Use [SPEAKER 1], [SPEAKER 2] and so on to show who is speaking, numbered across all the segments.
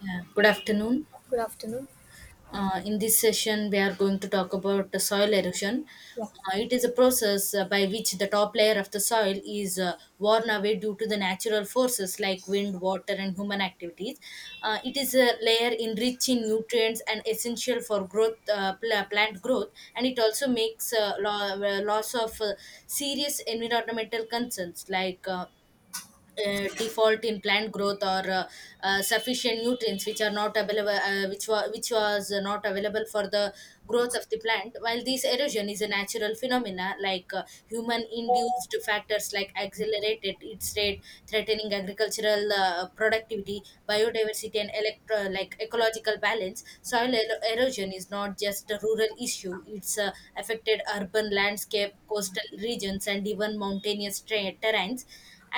[SPEAKER 1] Yeah, good afternoon.
[SPEAKER 2] Good afternoon.
[SPEAKER 1] In this session, we are going to talk about the soil erosion.
[SPEAKER 2] Yeah.
[SPEAKER 1] It is a process by which the top layer of the soil is worn away due to the natural forces like wind, water, and human activities. It is a layer enriched in nutrients and essential for growth, plant growth, and it also makes loss of serious environmental concerns like default in plant growth or sufficient nutrients which are not available which was not available for the growth of the plant. While this erosion is a natural phenomena, like human induced factors like accelerated its rate, threatening agricultural productivity, biodiversity, and like ecological balance. Erosion is not just a rural issue, it's affected urban landscape, coastal regions, and even terrains.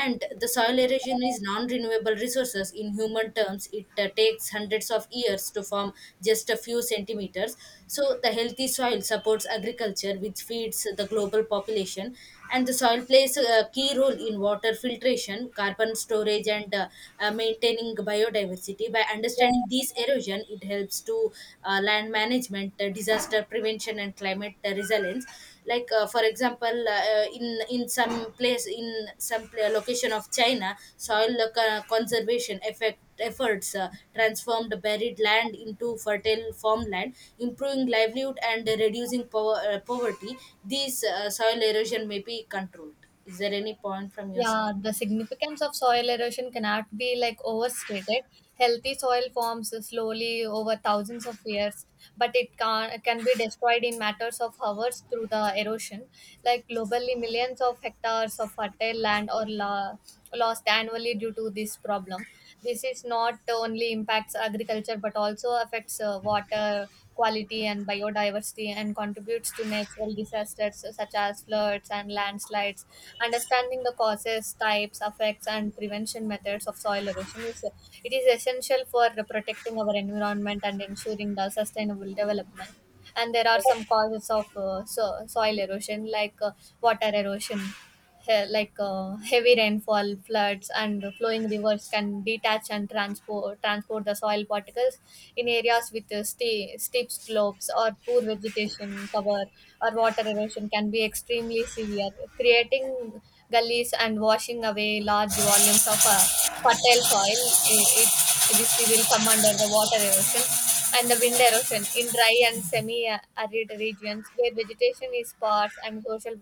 [SPEAKER 1] And the soil erosion is non-renewable resources. In human terms, it takes hundreds of years to form just a few centimeters. So the healthy soil supports agriculture which feeds the global population, and the soil plays a key role in water filtration, carbon storage, and maintaining biodiversity. By understanding these erosion, it helps to land management, disaster prevention, and climate resilience. Like for example, in some place in location of China, soil conservation effect efforts transformed buried land into fertile farmland, improving livelihood and reducing poverty. These soil erosion may be controlled. Is there any point from your side?
[SPEAKER 2] Yeah, the significance of soil erosion cannot be like overstated. Healthy soil forms slowly over thousands of years, but it can be destroyed in matters of hours through the erosion. Like globally, millions of hectares of fertile land are lost annually due to this problem. This is not only impacts agriculture but also affects water quality and biodiversity and contributes to natural disasters such as floods and landslides. Understanding the causes, types, effects, and prevention methods of soil erosion is it is essential for protecting our environment and ensuring the sustainable development. And there are some causes of soil erosion, like water erosion, heavy rainfall, floods, and the flowing rivers can detach and transport the soil particles in areas with steep slopes or poor vegetation cover. Or water erosion can be extremely severe, creating gullies and washing away large volumes of fertile soil. I- It, this will come under the water erosion and the wind erosion in dry and semi-arid regions where vegetation is sparse and social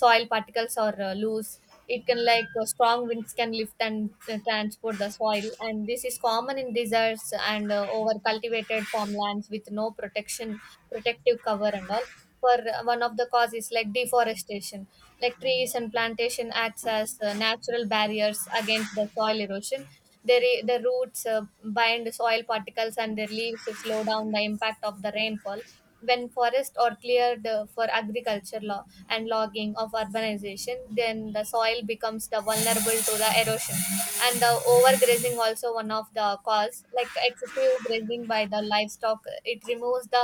[SPEAKER 2] soil particles are loose. It can strong winds can lift and transport the soil, and this is common in deserts and over cultivated farmlands with no protective cover and all for one of the causes like deforestation like trees and plantation acts as natural barriers against the soil erosion their roots bind soil particles and their leaves slow down the impact of the rainfall when forests are cleared for agriculture law and logging of urbanization, then the soil becomes the vulnerable to the erosion. And the overgrazing also one of the cause, like excessive grazing by the livestock, it removes the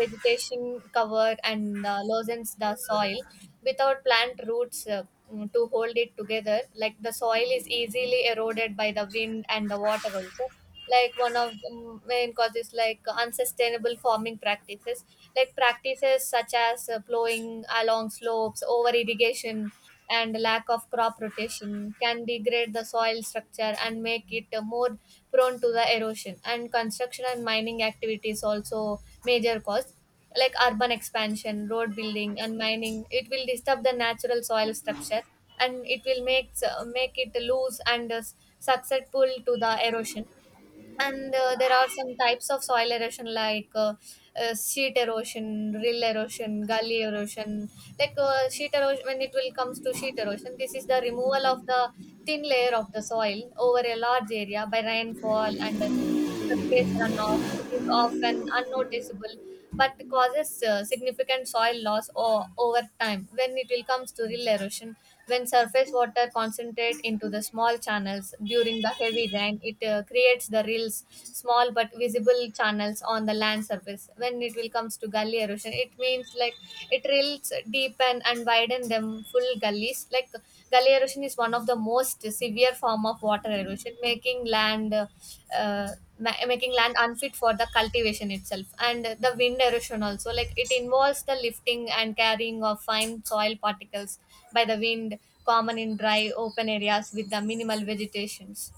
[SPEAKER 2] vegetation root cover and loosens the soil. Without plant roots to hold it together, like the soil is easily eroded by the wind and the water also. Like one of the main causes, like unsustainable farming practices, like practices such as plowing along slopes, over irrigation, and lack of crop rotation can degrade the soil structure and make it more prone to the erosion. And construction and mining activities also major cause, like urban expansion, road building, and mining, it will disturb the natural soil structure, and it will make make it loose and susceptible to the erosion. And there are some types of soil erosion like sheet erosion, rill erosion, gully erosion. Like sheet erosion, when it will comes to sheet erosion, this is the removal of the thin layer of the soil over a large area by rainfall and surface runoff. It is often unnoticeable but causes significant soil loss over time. When it will comes to real erosion, when surface water concentrate into the small channels during the heavy rain, it creates the small but visible channels on the land surface. When it will comes to gully erosion, it means like it drills deepen and widen them full gullies. Like gully erosion is one of the most severe form of water erosion, making land making land unfit for the cultivation itself. And the wind erosion also, like it involves the lifting and carrying of fine soil particles by the wind, common in dry open areas with the minimal vegetations.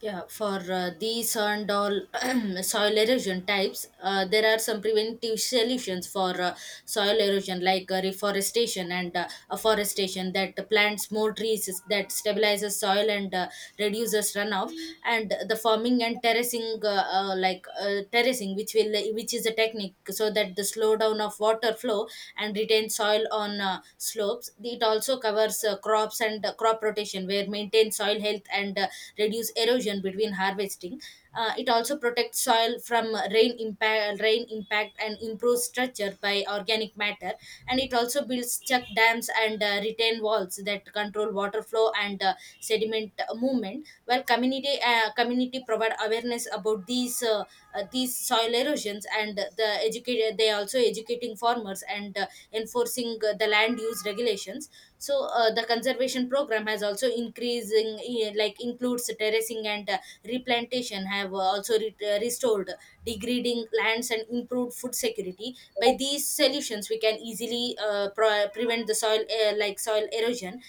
[SPEAKER 1] Yeah, for these and all soil erosion types, there are some preventive solutions for soil erosion, like reforestation and afforestation that plants more trees, that stabilizes soil and reduces runoff, and the farming and terracing like terracing, which will which is a technique so that the slowdown of water flow and retain soil on slopes. It also covers crops and crop rotation, where maintain soil health and reduce erosion between harvesting. It also protects soil from rain impact, and improves structure by organic matter. And it also builds chuck dams and retain walls that control water flow and sediment movement. While community provide awareness about these soil erosions, and they also educating farmers and enforcing the land use regulations. So the conservation program has also increasing, like includes terracing and replantation, have also restored degrading lands and improved food security. By these solutions we can easily prevent the soil like soil erosion.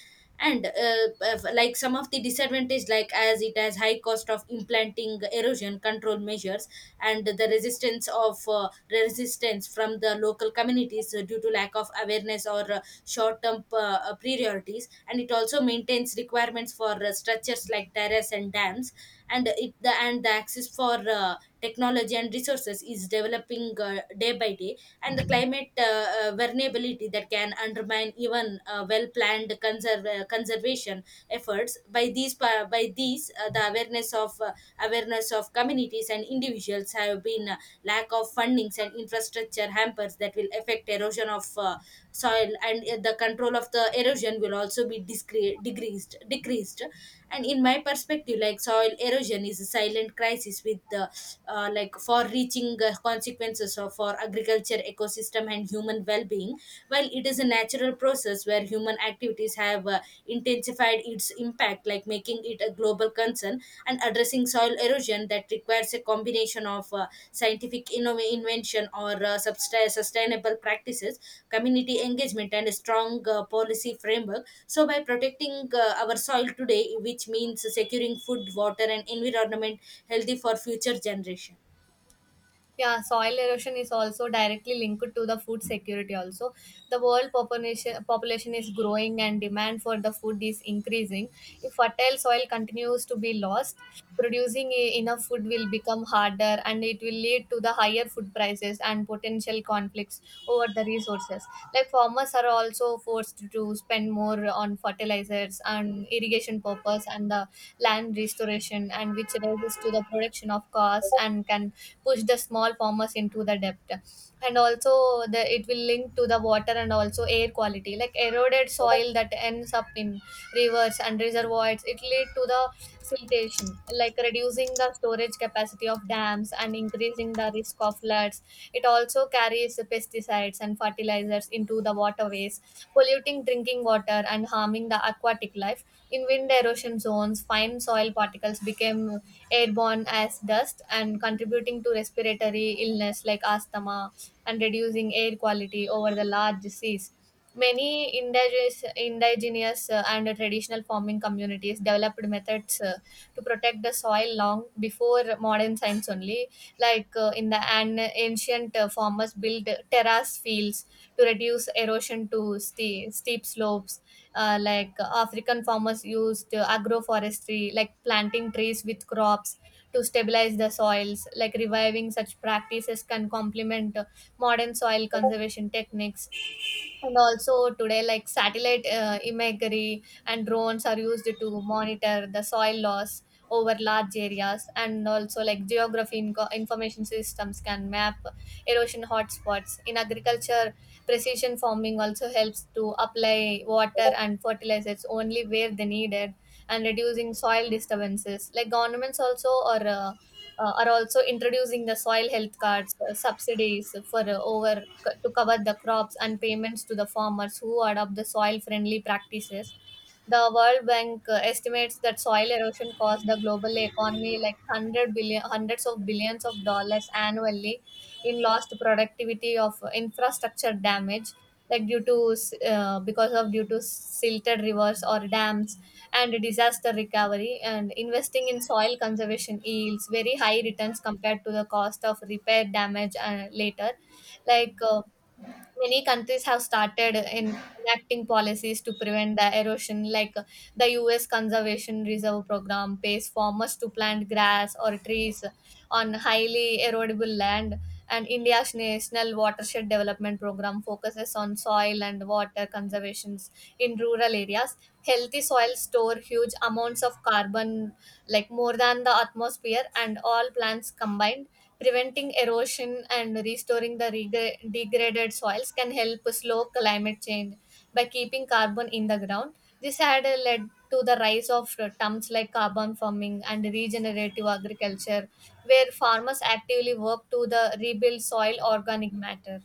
[SPEAKER 1] And if- Like some of the disadvantage, like as it has high cost of implanting erosion control measures, and the resistance from the local communities due to lack of awareness or short term priorities, and it also maintains requirements for structures like terrace and dams. And the access for technology and resources is developing day by day. And the climate vulnerability that can undermine even well planned conservation efforts. By these the awareness of communities and individuals have been lack of fundings, and infrastructure hampers that will affect erosion of soil, and the control of the erosion will also be decreased. And in my perspective, like soil erosion is a silent crisis with the like far reaching consequences of, for agriculture, ecosystem, and human well-being. While it is a natural process where human activities have intensified its impact, like making it a global concern. And addressing soil erosion that requires a combination of scientific invention or sustainable practices, community engagement, and a strong policy framework. So, by protecting our soil today, which means securing food, water, and environment healthy for future generation.
[SPEAKER 2] Yeah, soil erosion is also directly linked to the food security also. The world population is growing and demand for the food is increasing. If fertile soil continues to be lost, producing enough food will become harder, and it will lead to the higher food prices and potential conflicts over the resources. Like farmers are also forced to spend more on fertilizers and irrigation purpose and the land restoration, and which raises to the production of cost and can push the small farmers into the debt. And also the it will link to the water and also air quality, like eroded soil that ends up in rivers and reservoirs it lead to the siltation, like reducing the storage capacity of dams and increasing the risk of floods. It also carries pesticides and fertilizers into the waterways, polluting drinking water and harming the aquatic life. In wind erosion zones, fine soil particles became airborne as dust and contributing to respiratory illness like asthma and reducing air quality over the large seas. Many indigenous and traditional farming communities developed methods to protect the soil long before modern science only, like ancient farmers built terrace fields to reduce erosion to steep slopes. African farmers used agroforestry like planting trees with crops to stabilize the soils. Like reviving such practices can complement modern soil conservation techniques. And also today, like satellite imagery and drones are used to monitor the soil loss over large areas, and also like geography information systems can map erosion hotspots. In agriculture, precision farming also helps to apply water and fertilizers only where they needed and reducing soil disturbances. Like governments also are are also introducing the soil health cards, subsidies for to cover the crops, and payments to the farmers who adopt the soil friendly practices. The world bank estimates that soil erosion costs the global economy like 100 billion hundreds of billions of dollars annually in lost productivity of infrastructure damage, like due to silted rivers or dams and disaster recovery, and investing in soil conservation yields very high returns compared to the cost of repair damage later. like uh, Many countries have started in enacting policies to prevent the erosion, like the US conservation reserve program pays farmers to plant grass or trees on highly erodible land, and India's national watershed development program focuses on soil and water conservations in rural areas. Healthy soils store huge amounts of carbon, like more than the atmosphere and all plants combined. Preventing erosion and restoring the degraded soils can help slow climate change by keeping carbon in the ground. This had led to the rise of terms like carbon farming and regenerative agriculture, where farmers actively work to the rebuild soil organic matter.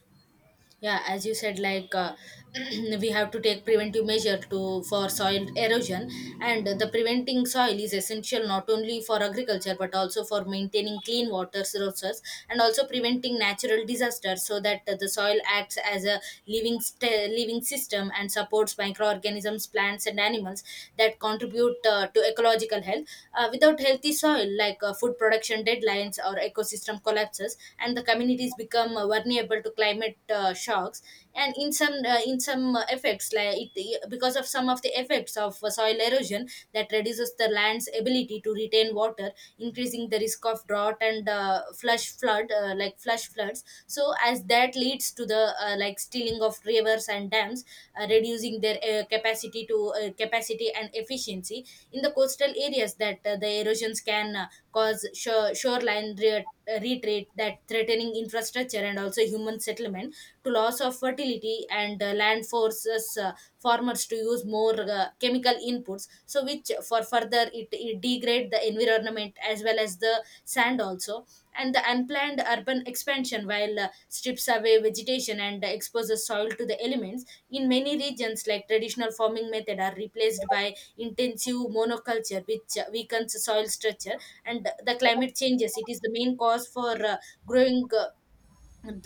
[SPEAKER 1] Yeah, as you said, like we have to take preventive measure to for soil erosion. And the preventing soil is essential not only for agriculture but also for maintaining clean water sources and also preventing natural disasters. So that the soil acts as a living system and supports microorganisms, plants, and animals that contribute to ecological health. Without healthy soil, like food production deadlines or ecosystem collapses, and the communities become vulnerable to climate shocks. And in some effects, like it, because of some of the effects of soil erosion that reduces the land's ability to retain water, increasing the risk of drought and flush flood, like flush floods. So as that leads to the like stealing of rivers and dams, reducing their capacity and efficiency. In the coastal areas, that the erosions can cause shoreline retreat, that threatening infrastructure and also human settlement, to loss of fertility, and land forces farmers to use more chemical inputs, so which for further it, it degrade the environment as well as the sand also. And the unplanned urban expansion while strips away vegetation and exposes soil to the elements. In many regions, like traditional farming method are replaced by intensive monoculture, which weakens soil structure. And the climate changes. It is the main cause for growing.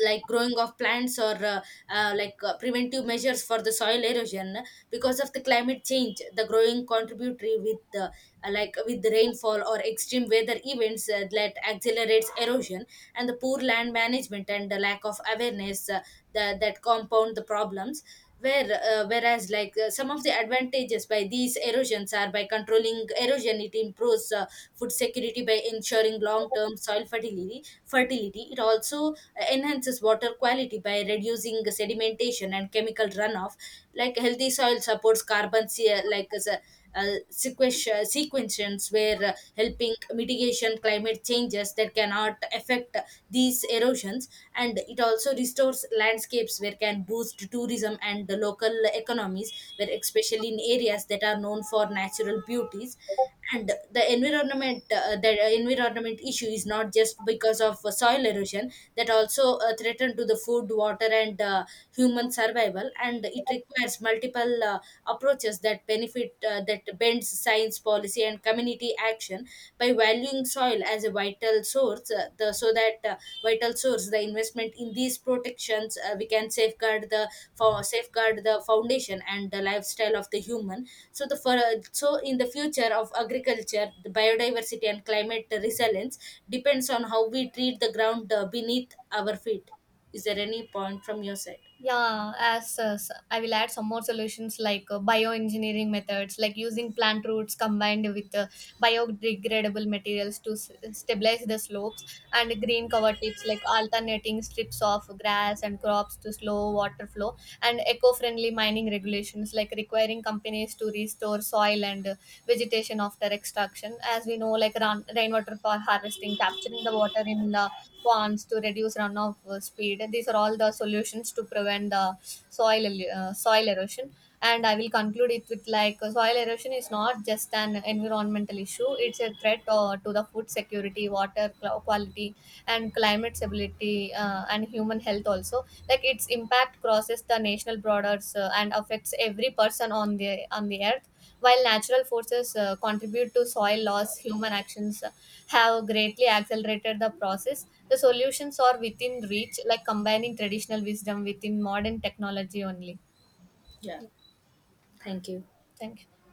[SPEAKER 1] Like growing of plants or like preventive measures for the soil erosion. Because of the climate change, the growing contributory with like with the rainfall or extreme weather events that accelerates erosion. And the poor land management and the lack of awareness, that compound the problems. Whereas like some of the advantages by these erosions are, by controlling erosion it improves food security by ensuring long term soil fertility. It also enhances water quality by reducing sedimentation and chemical runoff. Like healthy soil supports like as uh, sequestrations, where helping mitigation climate changes that cannot affect these erosions. And it also restores landscapes where can boost tourism and the local economies, where especially in areas that are known for natural beauties. And the environment issue is not just because of soil erosion, that also threaten to the food, water, and human survival. And it requires multiple approaches that benefit that bends science, policy, and community action. By valuing soil as a vital source, the so that vital source, the investment in these protections, we can safeguard the for safeguard the foundation and the lifestyle of the human. So the for, so in the future of agriculture, the biodiversity and climate resilience depends on how we treat the ground beneath our feet. Is there any point from your side?
[SPEAKER 2] Yeah, as I will add some more solutions like bioengineering methods, like using plant roots combined with biodegradable materials to stabilize the slopes, and green cover tips like alternating strips of grass and crops to slow water flow, and eco friendly mining regulations like requiring companies to restore soil and vegetation after extraction. As we know, like rainwater for harvesting, capturing the water in the ponds to reduce runoff speed. These are all the solutions to prevent the soil erosion. And I will conclude it with like soil erosion is not just an environmental issue; it's a threat to the food security, water quality, and climate stability and human health also. Like its impact crosses the national borders and affects every person on the earth. While natural forces contribute to soil loss, human actions have greatly accelerated the process. The solutions are within reach, like combining traditional wisdom within modern technology only.
[SPEAKER 1] Yeah, thank you.
[SPEAKER 2] Thank you.